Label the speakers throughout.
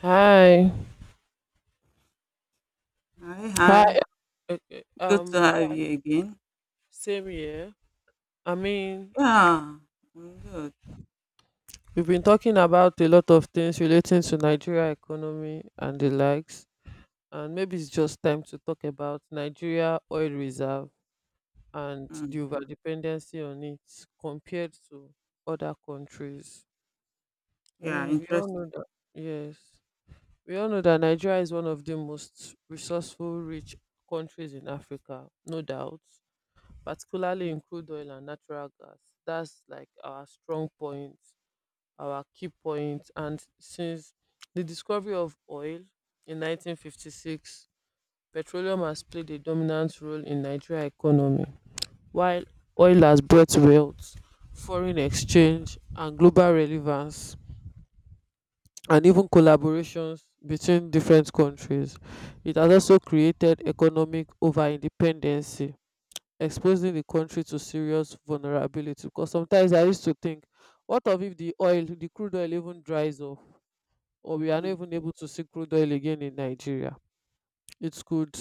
Speaker 1: Hi.
Speaker 2: Hi, hi.
Speaker 1: Hi. Okay.
Speaker 2: Good to
Speaker 1: Um, all
Speaker 2: have
Speaker 1: right.
Speaker 2: you again.
Speaker 1: Same here. I mean,
Speaker 2: Yeah, I'm good.
Speaker 1: we've been talking about a lot of things relating to Nigeria economy and the likes, and maybe it's just time to talk about Nigeria oil reserve and the
Speaker 2: Mm,
Speaker 1: overdependency on it compared to other countries. I
Speaker 2: yeah,
Speaker 1: mean, we all
Speaker 2: interesting.
Speaker 1: know that. Yes, we all know that Nigeria is one of the most resourceful, rich countries in Africa, no doubt, particularly
Speaker 2: Mm,
Speaker 1: in crude oil and natural gas. That's like our strong point, our key point. And since the discovery of oil in 1956, petroleum has played a dominant role in Nigeria economy, while oil has brought wealth, foreign exchange, and global relevance. And even collaborations between different countries. It has also created economic over independence, exposing the country to serious vulnerability, because sometimes I used to think, what of if the oil, the crude oil even dries up, or we are not
Speaker 2: mm,
Speaker 1: even able to see crude oil again in Nigeria. it could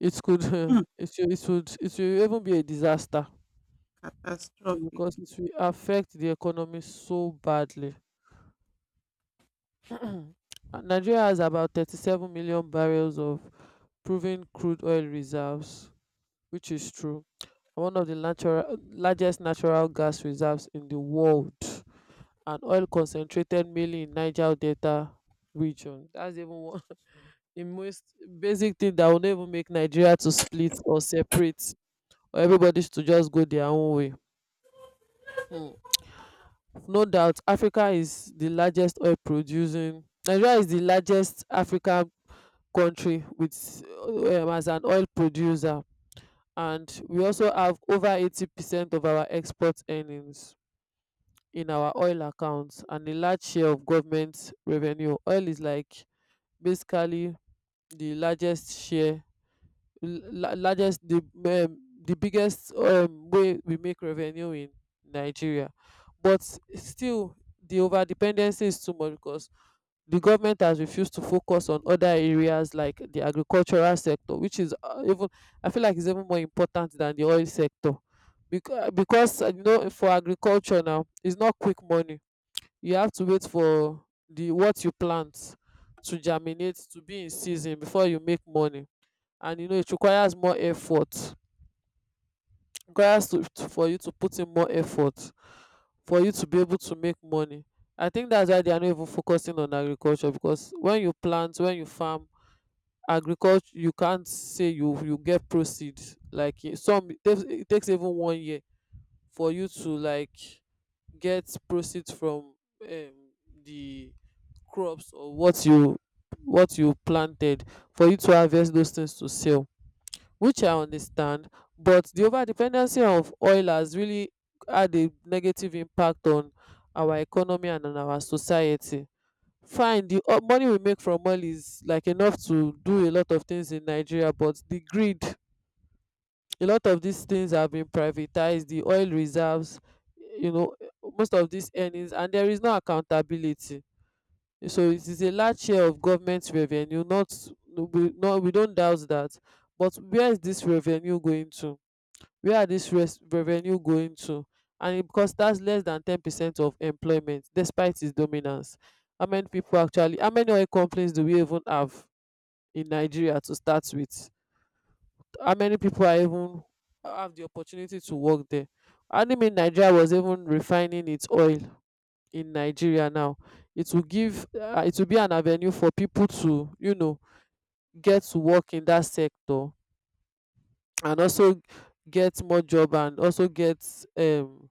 Speaker 1: it could
Speaker 2: mm.
Speaker 1: it should, it would, it will even be a disaster too,
Speaker 2: Catastrophic.
Speaker 1: because it will affect the economy so badly. And Nigeria has about 37 million barrels of proven crude oil reserves, which is true, and one of the natural largest natural gas reserves in the world, and oil concentrated mainly in Niger Delta region. That's even one the most basic thing that will not even make Nigeria to split or separate or everybody to just go their own way. Hmm. No doubt Africa is the largest oil producing, Nigeria is the largest African country with as an oil producer, and we also have over 80% of our export earnings in our oil accounts and a large share of government revenue. Oil is like basically the largest share, largest, the biggest, way we make revenue in Nigeria. But still, the over dependency is too much because the government has refused to focus on other areas like the agricultural sector, which is, even, I feel like is even more important than the oil sector. Because you know, for agriculture now, it's not quick money. You have to wait for the what you plant to germinate, to be in season before you make money. And you know, it requires more effort, requires for you to put in more effort for you to be able to make money. I think that's why they are not even focusing on agriculture, because when you plant, when you farm agriculture, you can't say you get proceed like. Eh, some, it takes even one year for you to like get proceeds from um the crops or what you planted, for you to harvest those things to sell. Which I understand. But the over dependency of oil has really had a negative impact on our economy and on our society. Fine, the money we make from oil is like enough to do a lot of things in Nigeria, but the greed, a lot of these things have been privatized, the oil reserves, you know, most of these earnings, and there is no accountability. So it is a large share of government revenue, not no, no, we don't doubt that. But where is this revenue going to? Where are this revenue going to? And it, because that's less than 10% of employment despite its dominance. How many people actually, how many oil companies do we even have in Nigeria to start with? How many people are even have the opportunity to work there? And I mean, Nigeria was even refining its oil in Nigeria now, it will give, it will be an avenue for people to, you know, get to work in that sector, and also get more job, and also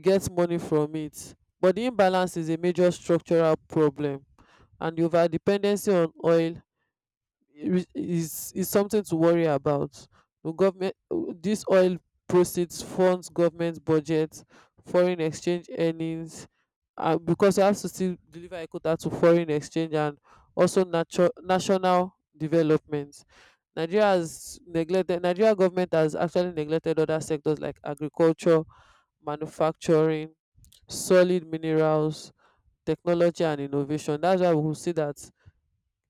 Speaker 1: get money from it. But the imbalance is a major structural problem, and the over dependency on oil is something to worry about. The government, this oil proceeds funds government budget, foreign exchange earnings, because you have to still deliver a quota to foreign exchange, and also national development. Nigeria has neglected, Nigeria government has actually neglected other sectors like agriculture, manufacturing, solid minerals, technology and innovation. That's why we will see that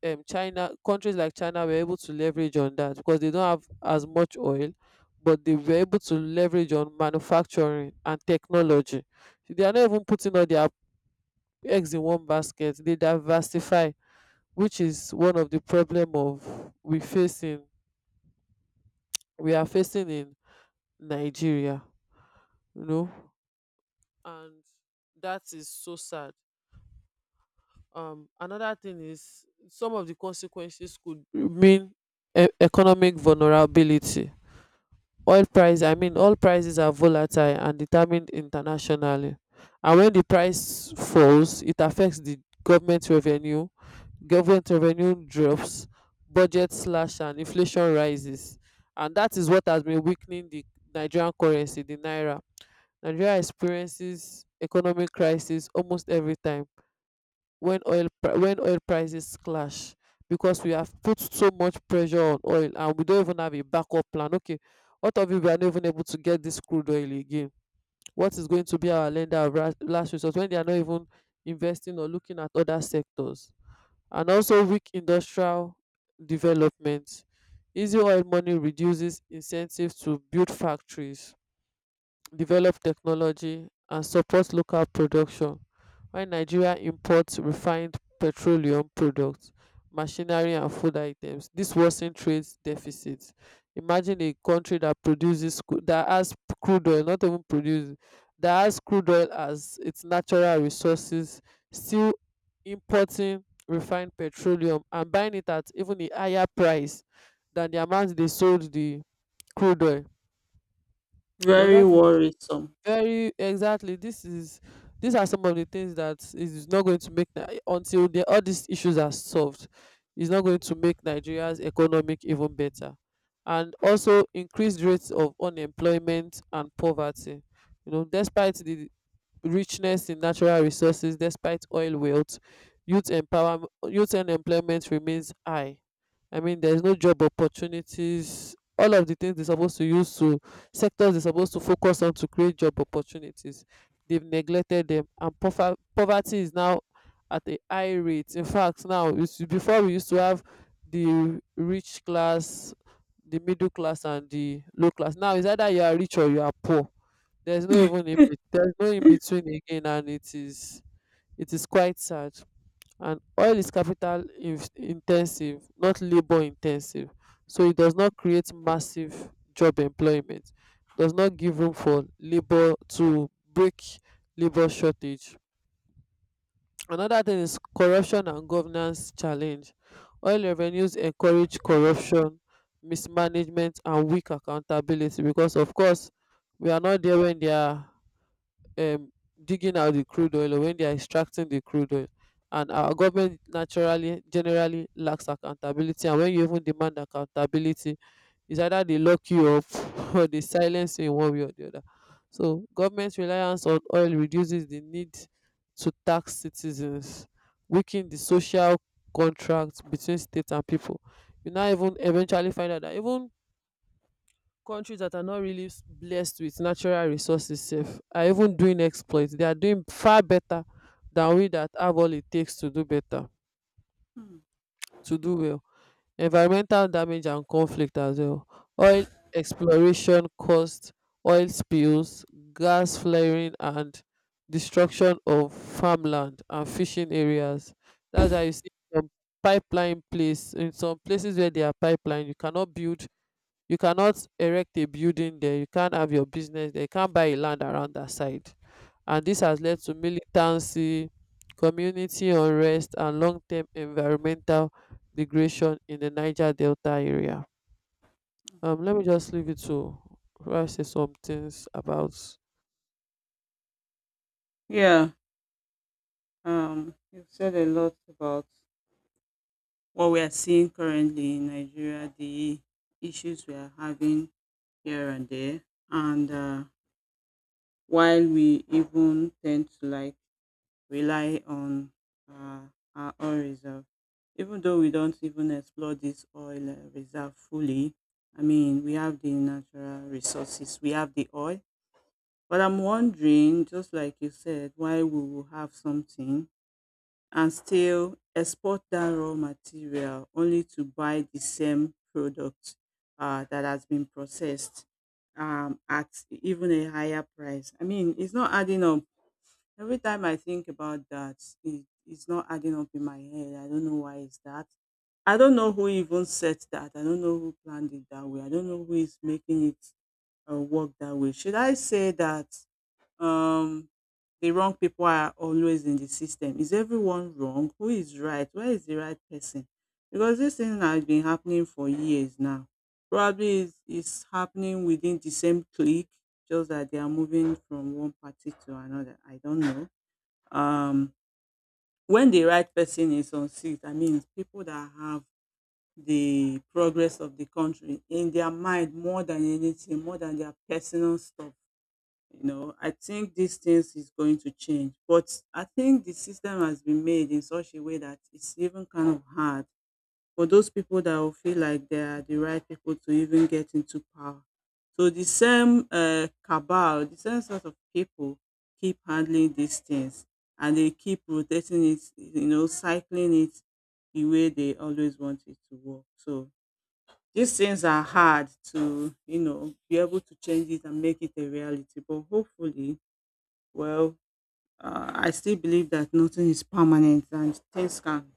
Speaker 1: China countries like China were able to leverage on that because they don't have as much oil, but they were able to leverage on manufacturing and technology. They are not even putting all their eggs in one basket. They diversify, which is one of the problem of we are facing in Nigeria, you know, and that is so sad. Another thing is some of the consequences could mean economic vulnerability. Oil price, I mean, all prices are volatile and determined internationally, and when the price falls, it affects the government revenue government revenue drops, budget slash, and inflation rises. And that is what has been weakening the Nigerian currency, the naira. Nigeria experiences economic crisis almost every time when when oil prices clash, because we have put so much pressure on oil and we don't even have a backup plan. Okay, what of if we are not even able to get this crude oil again? What is going to be our lender of last resort when they are not even investing or looking at other sectors? And also weak industrial development, easy oil money reduces incentives to build factories, develop technology and support local production, while Nigeria imports refined petroleum products, machinery and food items. This worsen trade deficits. Imagine a country that that has crude oil, not even produce, that has crude oil as its natural resources, still importing refined petroleum and buying it at even a higher price than the amount they sold the crude oil. So
Speaker 2: Very
Speaker 1: that is
Speaker 2: worrisome.
Speaker 1: very, exactly, this is these are some of the things that is not going to make until the all these issues are solved, is not going to make Nigeria's economic even better. And also increased rates of unemployment and poverty. You know, despite the richness in natural resources, despite oil wealth, youth unemployment remains high. I mean, there's no job opportunities. All of the things they're supposed to use to sectors they're supposed to focus on to create job opportunities, they've neglected them, and poverty is now at a high rate. In fact, now before we used to have the rich class, the middle class and the low class, now it's either you are rich or you are poor. There's no even there's no in between again, and it is quite sad. And oil is capital intensive, not labor intensive, so it does not create massive job employment, does not give room for labor to break, labor shortage. Another thing is corruption and governance challenge. Oil revenues encourage corruption, mismanagement and weak accountability, because of course, we are not there when they are um, digging out the crude oil or when they are extracting the crude oil. And our government naturally, generally lacks accountability. And when you even demand accountability, it's either they lock you up or they silence you in one way or the other. So government reliance on oil reduces the need to tax citizens, weaken the social contract between state and people. You now even eventually find out that even countries that are not really blessed with natural resources sef are even doing exploit, they are doing far better than we that have all it takes to do better,
Speaker 2: Mm.
Speaker 1: to do well. Environmental damage and conflict as well. Oil exploration caused oil spills, gas flaring and destruction of farmland and fishing areas. That's why you see some pipeline place, in some places where there are pipeline, you cannot build, you cannot erect a building there, you can't have your business there, you can't buy a land around that side. And this has led to militancy, community unrest and long-term environmental degradation in the Niger Delta area. Let me just leave it to, I say some things about.
Speaker 2: Yeah, you've said a lot about what we are seeing currently in Nigeria, the issues we are having here and there. And while we even tend to like rely on uh, our oil reserve. Even though we don't even explore this oil reserve fully, I mean, we have the natural resources, we have the oil. But I'm wondering, just like you said, why we will have something and still export that raw material only to buy the same product that has been processed at even a higher price. I mean, it's not adding up. Every time I think about that, it's not adding up in my head. I don't know why it's that. I don't know who even set that. I don't know who planned it that way. I don't know who is making it work that way. Should I say that um, the wrong people are always in the system? Is everyone wrong? Who is right? Where is the right person? Because this thing has been happening for years now. Probably it's happening within the same clique, just that they are moving from one party to another. I don't know um, when the right person is on seat, I mean, people that have the progress of the country in their mind more than anything, more than their personal stuff. You know, I think these things is going to change, but I think the system has been made in such a way that it's even kind of hard for those people that will feel like they are the right people to even get into power. So the same cabal, the same sort of people keep handling these things and they keep rotating it, you know, cycling it the way they always want it to work. So these things are hard to, you know, be able to change it and make it a reality. But hopefully, well, I still believe that nothing is permanent and things can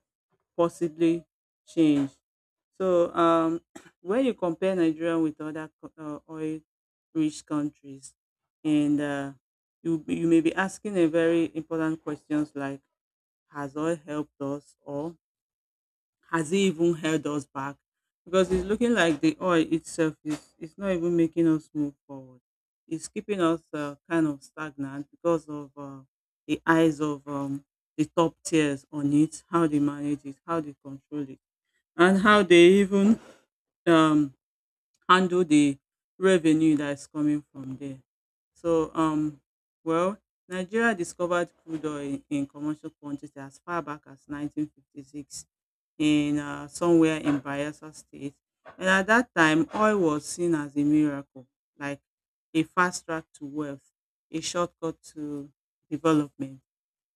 Speaker 2: possibly change. So when you compare Nigeria with other oil-rich countries, and you may be asking a very important questions like, has oil helped us, or has it even held us back? Because it's looking like the oil itself is not even making us move forward. It's keeping us kind of stagnant because of the eyes of the top tiers on it, how they manage it, how they control it and how they even um, handle the revenue that's coming from there. So, well, Nigeria discovered crude oil in commercial quantity as far back as 1956 in somewhere in Bayelsa State, and at that time, oil was seen as a miracle, like a fast track to wealth, a shortcut to development.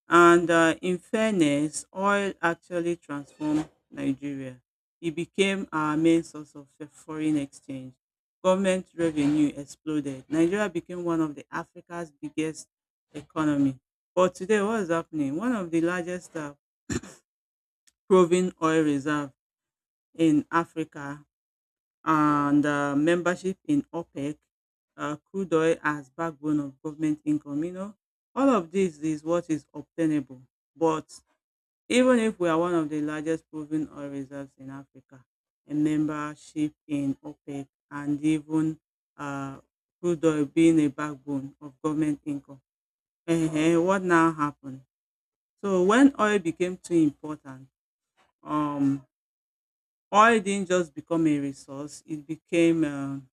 Speaker 2: And in fairness, oil actually transformed Nigeria. It became our main source of foreign exchange. Government revenue exploded. Nigeria became one of the Africa's biggest economy. But today, what is happening? One of the largest proven oil reserve in Africa and membership in OPEC, crude oil as backbone of government income. You know, all of this is what is obtainable, but even if we are one of the largest proven oil reserves in Africa, a membership in OPEC and even uh, crude oil being a backbone of government income. Ehen, what now happened? So when oil became too important, um, oil didn't just become a resource; it became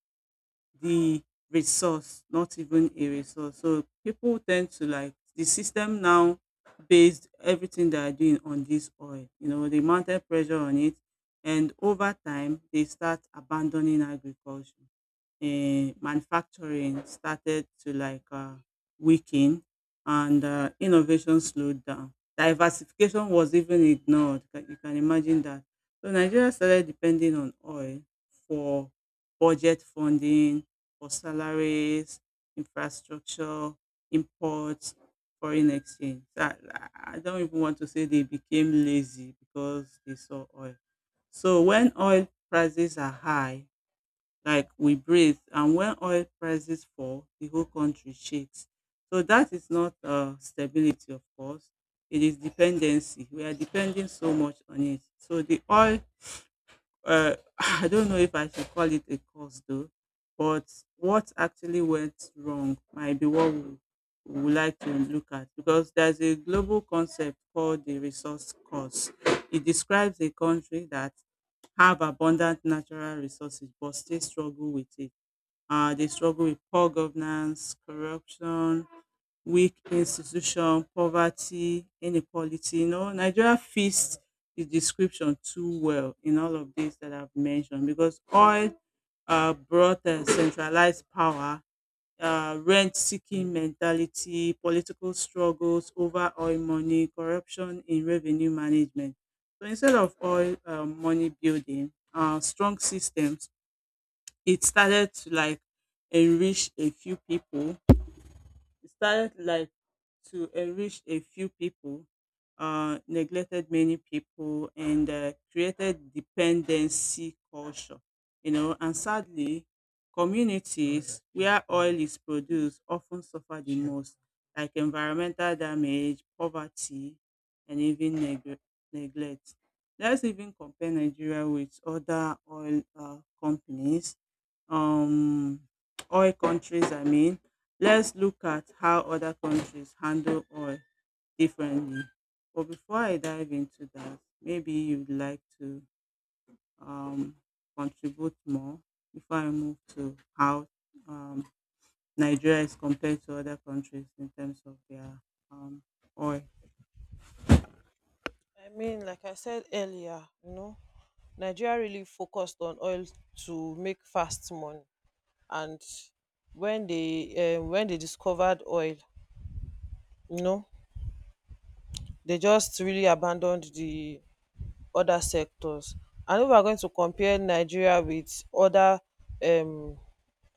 Speaker 2: the resource, not even a resource. So people tend to like the system now based everything they are doing on this oil. You know, they mounted pressure on it and over time they start abandoning agriculture. Manufacturing started to like weaken and innovation slowed down. Diversification was even ignored. You can imagine that. So Nigeria started depending on oil for budget funding, for salaries, infrastructure, imports, foreign exchange. So, I don't even want to say they became lazy because they saw oil. So when oil prices are high, like we breathe. And when oil prices fall, the whole country shakes. So that is not stability, of course. It is dependency. We are depending so much on it. So the oil I don't know if I should call it a cause though, but what actually went wrong might be what we would like to look at because there's a global concept called the resource cost. It describes a country that have abundant natural resources but still struggle with it. They struggle with poor governance, corruption, weak institution, poverty, inequality. You know, Nigeria fits the description too well in all of these that I've mentioned because oil brought a centralized power, rent seeking mentality, political struggles over oil money, corruption in revenue management. So instead of oil money building, strong systems, it started to like enrich a few people. It started like to enrich a few people, neglected many people, and created dependency culture. You know, and sadly, communities where oil is produced often suffer the most, like environmental damage, poverty, and even neglect. Let's even compare Nigeria with other oil companies um oil countries. I mean, let's look at how other countries handle oil differently, but before I dive into that, maybe you'd like to um contribute more before I move to how um Nigeria is compared to other countries in terms of their um oil.
Speaker 1: I mean, like I said earlier, you know, Nigeria really focused on oil to make fast money, and when they discovered oil, you know, they just really abandoned the other sectors. And if we are going to compare Nigeria with um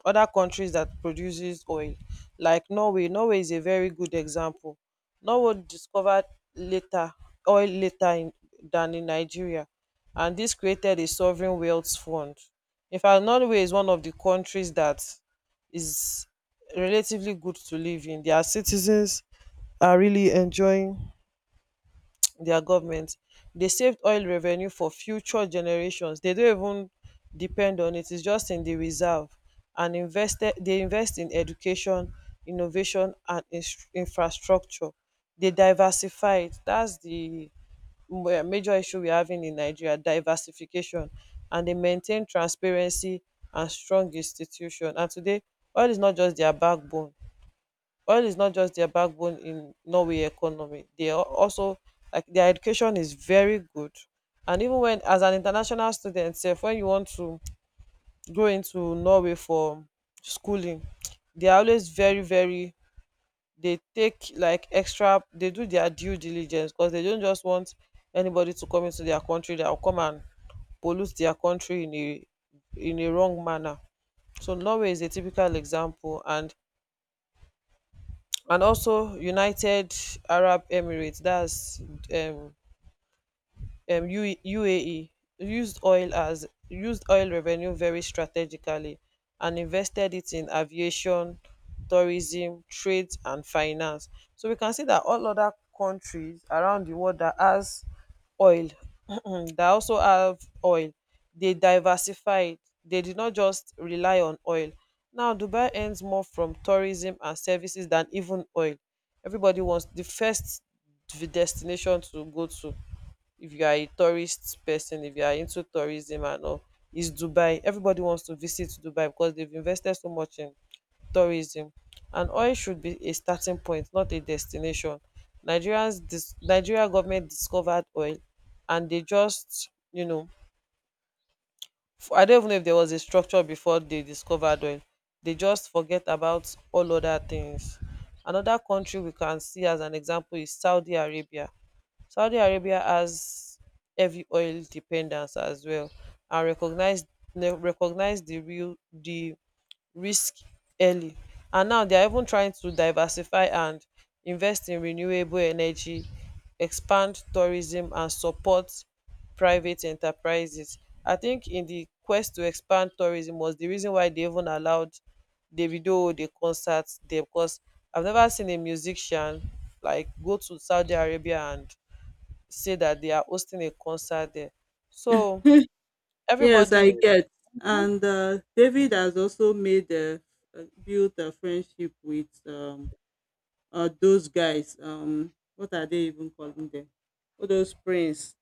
Speaker 1: other countries that produces oil, like Norway. Norway is a very good example. Norway discovered later, oil later in, than in Nigeria, and this created a sovereign wealth fund. In fact, Norway is one of the countries that is relatively good to live in. Their citizens are really enjoying their government. They saved oil revenue for future generations. They don't even depend on it, it's just in the reserve and invested, they invest in education, innovation and infrastructure. They diversified. That's the major issue we're having in Nigeria, diversification, and they maintain transparency and strong institution. And today oil is not just their backbone oil is not just their backbone in Norway economy. They are also, like, their education is very good. And even when, as an international student sef, when you want to go into Norway for schooling, they are always very they take like extra, they do their due diligence, because they don't just want anybody to come into their country that will come and pollute their country in a wrong manner. So Norway is a typical example, and also United Arab Emirates, that's um UAE, used oil as used oil revenue very strategically and invested it in aviation, tourism, trade and finance. So we can see that all other countries around the world that has oil that also have oil, they diversified, they did not just rely on oil. Now Dubai earns more from tourism and services than even oil. Everybody wants the first destination to go to, if you are a tourist person, if you are into tourism and all, is Dubai. Everybody wants to visit Dubai because they've invested so much in tourism. And oil should be a starting point, not a destination. Nigeria government discovered oil, and they just, I don't even know if there was a structure before they discovered oil. They just forget about all other things. Another country we can see as an example is Saudi Arabia. Saudi Arabia has heavy oil dependence as well, and recognise di real di risk early. And now dia even trying to diversify and invest in renewable energy, expand tourism and support private enterprises. I think in di quest to expand tourism was di reason why dey even allowed Davido dey concert dia, becos I've never seen a musician like go to Saudi Arabia and say that they are hosting a concert there. So
Speaker 2: Yes,
Speaker 1: everybody,
Speaker 2: I get. And David has also built a friendship with those guys, what are they even calling them, all those prince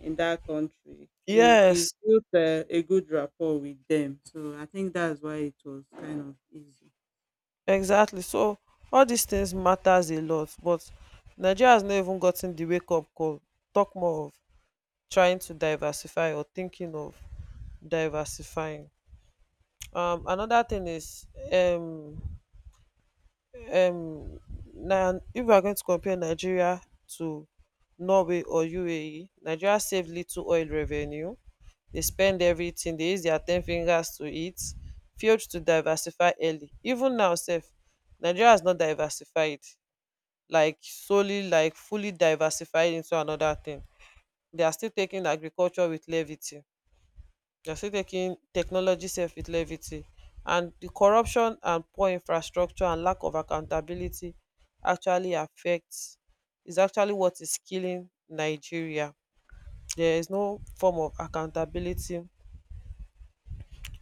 Speaker 2: in that country. He's
Speaker 1: yes,
Speaker 2: built a good rapport with them, so I think that's why it was kind of easy.
Speaker 1: exactly. So all these things matters a lot, but Nigeria has not even gotten the wake up call. Talk more of trying to diversify or thinking of diversifying. Another thing is um um now, if we are going to compare Nigeria to Norway or UAE, Nigeria saved little oil revenue. They spend everything, they use their ten fingers to eat, failed to diversify early. Even now sef, Nigeria has not diversified, like solely, like fully diversified into another thing. They are still taking agriculture with levity. They are still taking technology sef with levity. And the corruption and poor infrastructure and lack of accountability actually affects is actually what is killing Nigeria. There is no form of accountability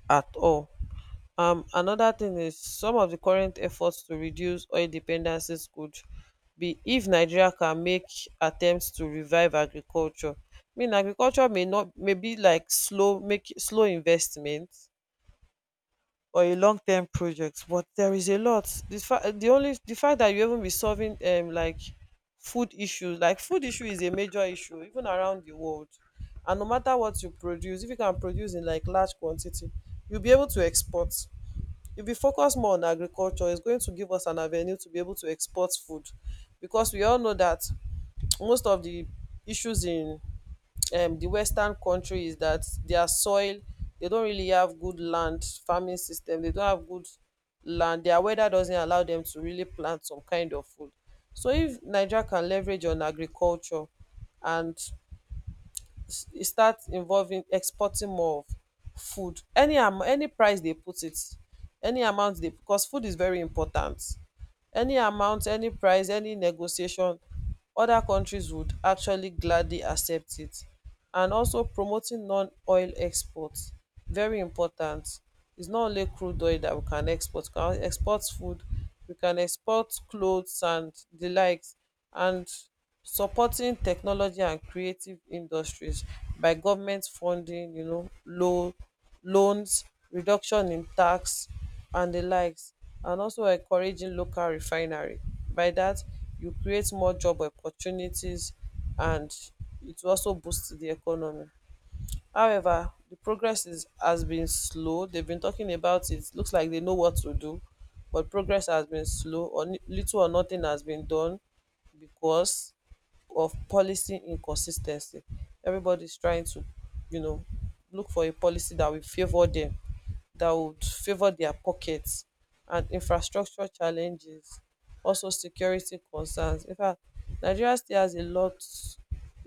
Speaker 1: at all. Another thing is, some of the current efforts to reduce oil dependencies could be if Nigeria can make attempts to revive agriculture. I mean, agriculture may not may be like slow, make slow investment or a long term project, but there is a lot. The fa- the only the fact that you even be solving like food issues, like food issue is a major issue even around the world. And no matter what you produce, if you can produce in like large quantity, you'll be able to export. If we focus more on agriculture, it's going to give us an avenue to be able to export food, because we all know that most of the issues in the Western country is that their soil, they don't really have good land farming system. They don't have good land. Their weather doesn't allow them to really plant some kind of food. So if Nigeria can leverage on agriculture and e start involving exporting more of food, any am any price dey put it, any amount dey, because food is very important. Any amount, any price, any negotiation, oda kontris would actually gladly accept it. And also promoting non oil export, very important. Is not only crude oil dat we can export, we can export food, we can export clothes and di likes. And supporting technology and creative industries by government funding, you know, loans, reduction in tax and the likes. And also encouraging local refinery. By that, you create more job opportunities, and it will also boosts the economy. However, the progress is has been slow. They've been talking about it. Looks like they know what to do, but progress has been slow, or little or nothing has been done because of policy inconsistency. Everybody's trying to, you know, look for a policy that will favor them, that would favor their pockets, and infrastructure challenges, also security concerns. In fact, Nigeria still has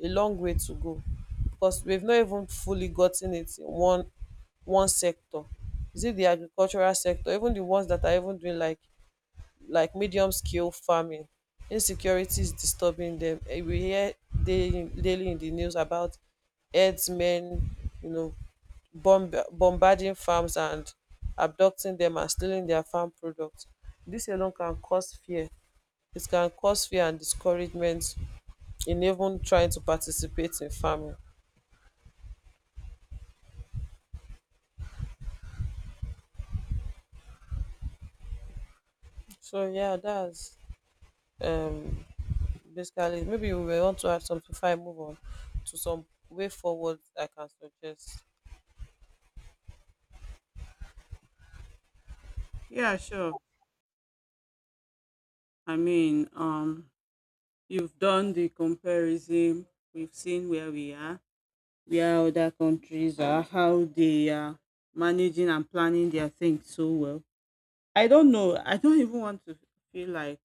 Speaker 1: a long way to go because we've not even fully gotten it in one sector. Is it the agricultural sector? Even the ones that are even doing like medium scale farming, insecurity is disturbing them. Eh, we hear daily in the news about herdsmen, you know, bombarding farms and abducting them and stealing their farm products. This alone can cause fear, and discouragement in even trying to participate in farming. So yeah, that's um basically it. Maybe you may want to add something before I move on to some way forward I can suggest.
Speaker 2: Yeah, sure. I mean, you've done the comparison, we've seen where we are, where other countries are, how they are managing and planning their things so well. I don't know, I don't even want to feel like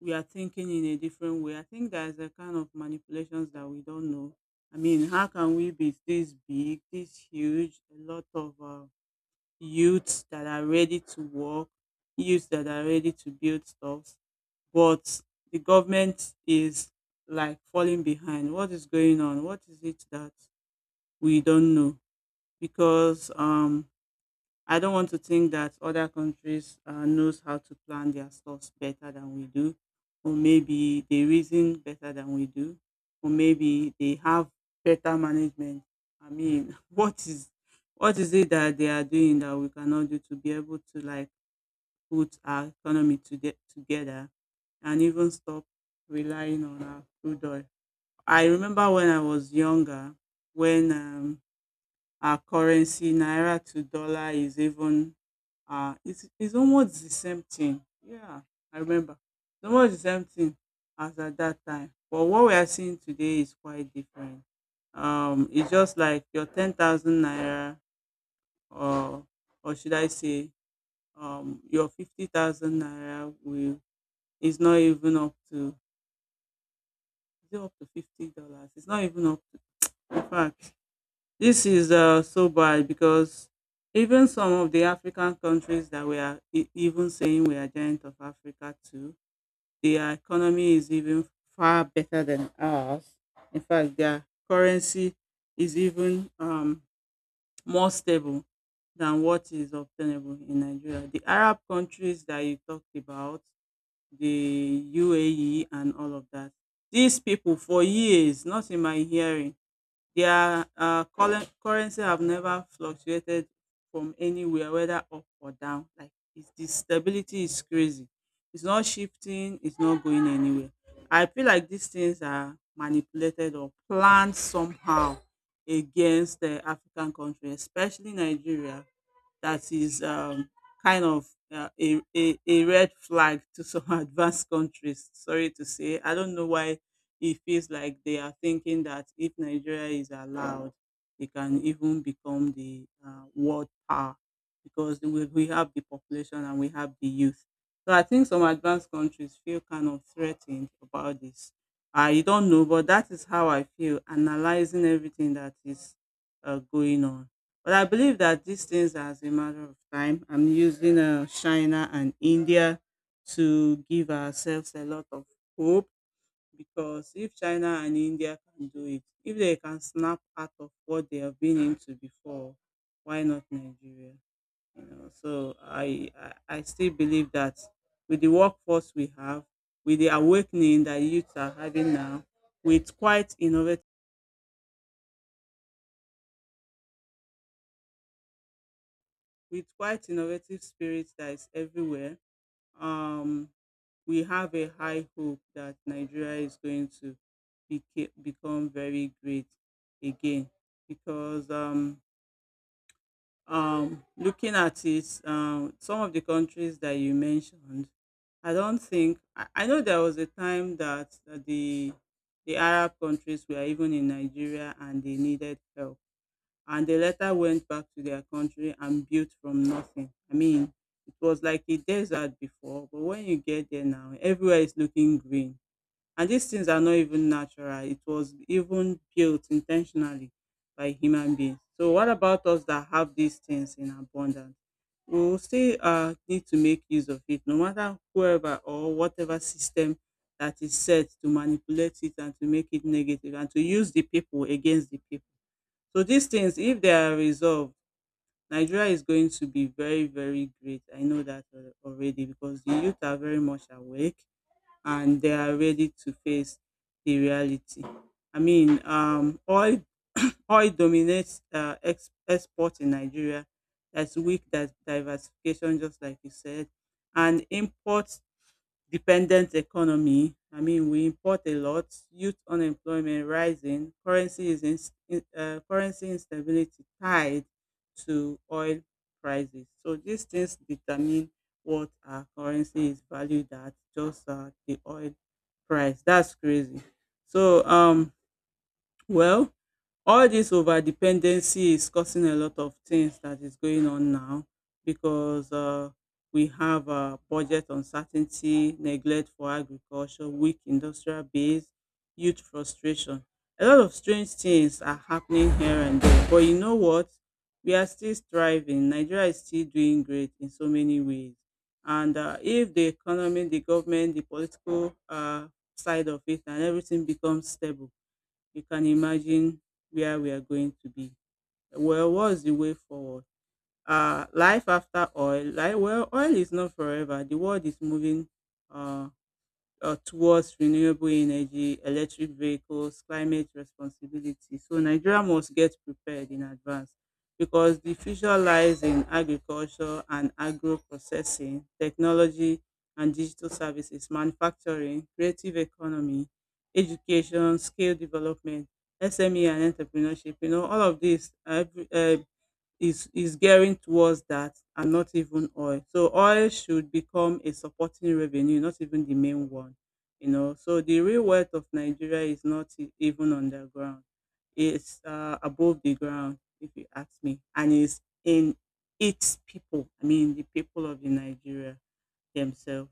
Speaker 2: we are thinking in a different way. I think there's a kind of manipulations that we don't know. I mean, how can we be this big, this huge? A lot of youths that are ready to work, youths that are ready to build stuff, but the government is like falling behind. What is going on? What is it that we don't know? Because I don't want to think that other countries knows how to plan their stores better than we do, or maybe they reason better than we do, or maybe they have better management. I mean, what is it that they are doing that we cannot do to be able to like put our economy to get together and even stop relying on our crude oil? I remember when I was younger, when our currency naira to dollar is even. Ah, it's almost the same thing. Yeah, I remember. It's almost the same thing as at that time. But what we are seeing today is quite different. It's just like your 10,000 naira, or or should I say, your 50,000 naira will is not even up to, is it up to $50? It's not even up to. In fact, this is so bad because even some of the African countries that we are even saying we are giant of Africa too, their economy is even far better than ours. In fact, their currency is even more stable than what is obtainable in Nigeria. The Arab countries that you talked about, the UAE and all of that, these people for years, not in my hearing, their currency have never fluctuated from anywhere, whether up or down. Like the stability is crazy. It's not shifting. It's not going anywhere. I feel like these things are manipulated or planned somehow against the African country, especially Nigeria that is kind of a red flag to some advanced countries. Sorry to say. I don't know why it feels like they are thinking that if Nigeria is allowed, they can even become the world power because we have the population and we have the youth. So I think some advanced countries feel kind of threatened about this. I don't know, but that is how I feel analyzing everything that is going on. But I believe that these things are as a matter of time. I'm using China and India to give ourselves a lot of hope because if China and India can do it, if they can snap out of what they have been into before, why not Nigeria? You know, so I still believe that with the workforce we have, with the awakening that youths are having now, with quite innovative with quite innovative spirits that is everywhere. Um, we have a high hope that Nigeria is going to become very great again because looking at it, some of the countries that you mentioned, I don't think I know there was a time that the Arab countries were even in Nigeria and they needed help, and they later went back to their country and built from nothing. I mean, it was like a desert before, but when you get there now, everywhere is looking green, and these things are not even natural. It was even built intentionally by human beings. So what about us that have these things in abundance? We will still need to make use of it, no matter whoever or whatever system that is set to manipulate it and to make it negative and to use the people against the people. So these things, if they are resolved, Nigeria is going to be very, very great. I know that already, because the youth are very much awake and they are ready to face the reality. I mean, oil dominates export in Nigeria. That's weak, that diversification, just like you said, and import dependent economy. I mean, we import a lot. Youth unemployment rising. Currency is in currency instability tied to oil prices. So these things determine what our currency is valued at, just the oil price. That's crazy. So well, all this over dependency is causing a lot of things that is going on now, because we have budget uncertainty, neglect for agriculture, weak industrial base, youth frustration. A lot of strange things are happening here and there. But you know what? We are still striving. Nigeria is still doing great in so many ways. And if the economy, the government, the political side of it, and everything becomes stable, you can imagine where we are going to be. Well, what's the way forward? Life after oil. Like, well, oil is not forever. The world is moving uh, towards renewable energy, electric vehicles, climate responsibility. So Nigeria must get prepared in advance, because the future lies in agriculture and agro processing, technology and digital services, manufacturing, creative economy, education, skill development, SME and entrepreneurship. You know, all of this, every, is gearing towards that and not even oil. So oil should become a supporting revenue, not even the main one. You know, so the real wealth of Nigeria is not even underground. It's above the ground, if you ask me, and it's in its people. I mean, the people of the Nigeria themselves.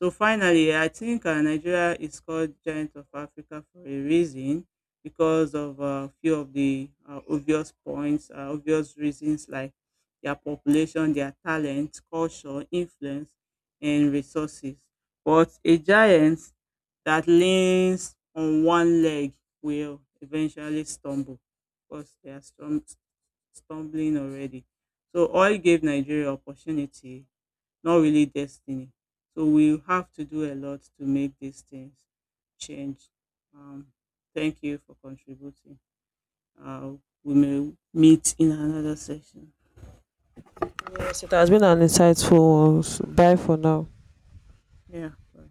Speaker 2: So finally, I think Nigeria is called giant of Africa for a reason, because of a few of the obvious points, obvious reasons like their population, their talent, culture, influence, and resources. But a giant that leans on one leg will eventually stumble, because they are stumbling already. So oil gave Nigeria opportunity, not really destiny. So we have to do a lot to make these things change. Um, Thank you for contributing. Uh, we may meet in another session.
Speaker 1: Yes, it has been an insightful one. So bye for now.
Speaker 2: Yeah. Bye.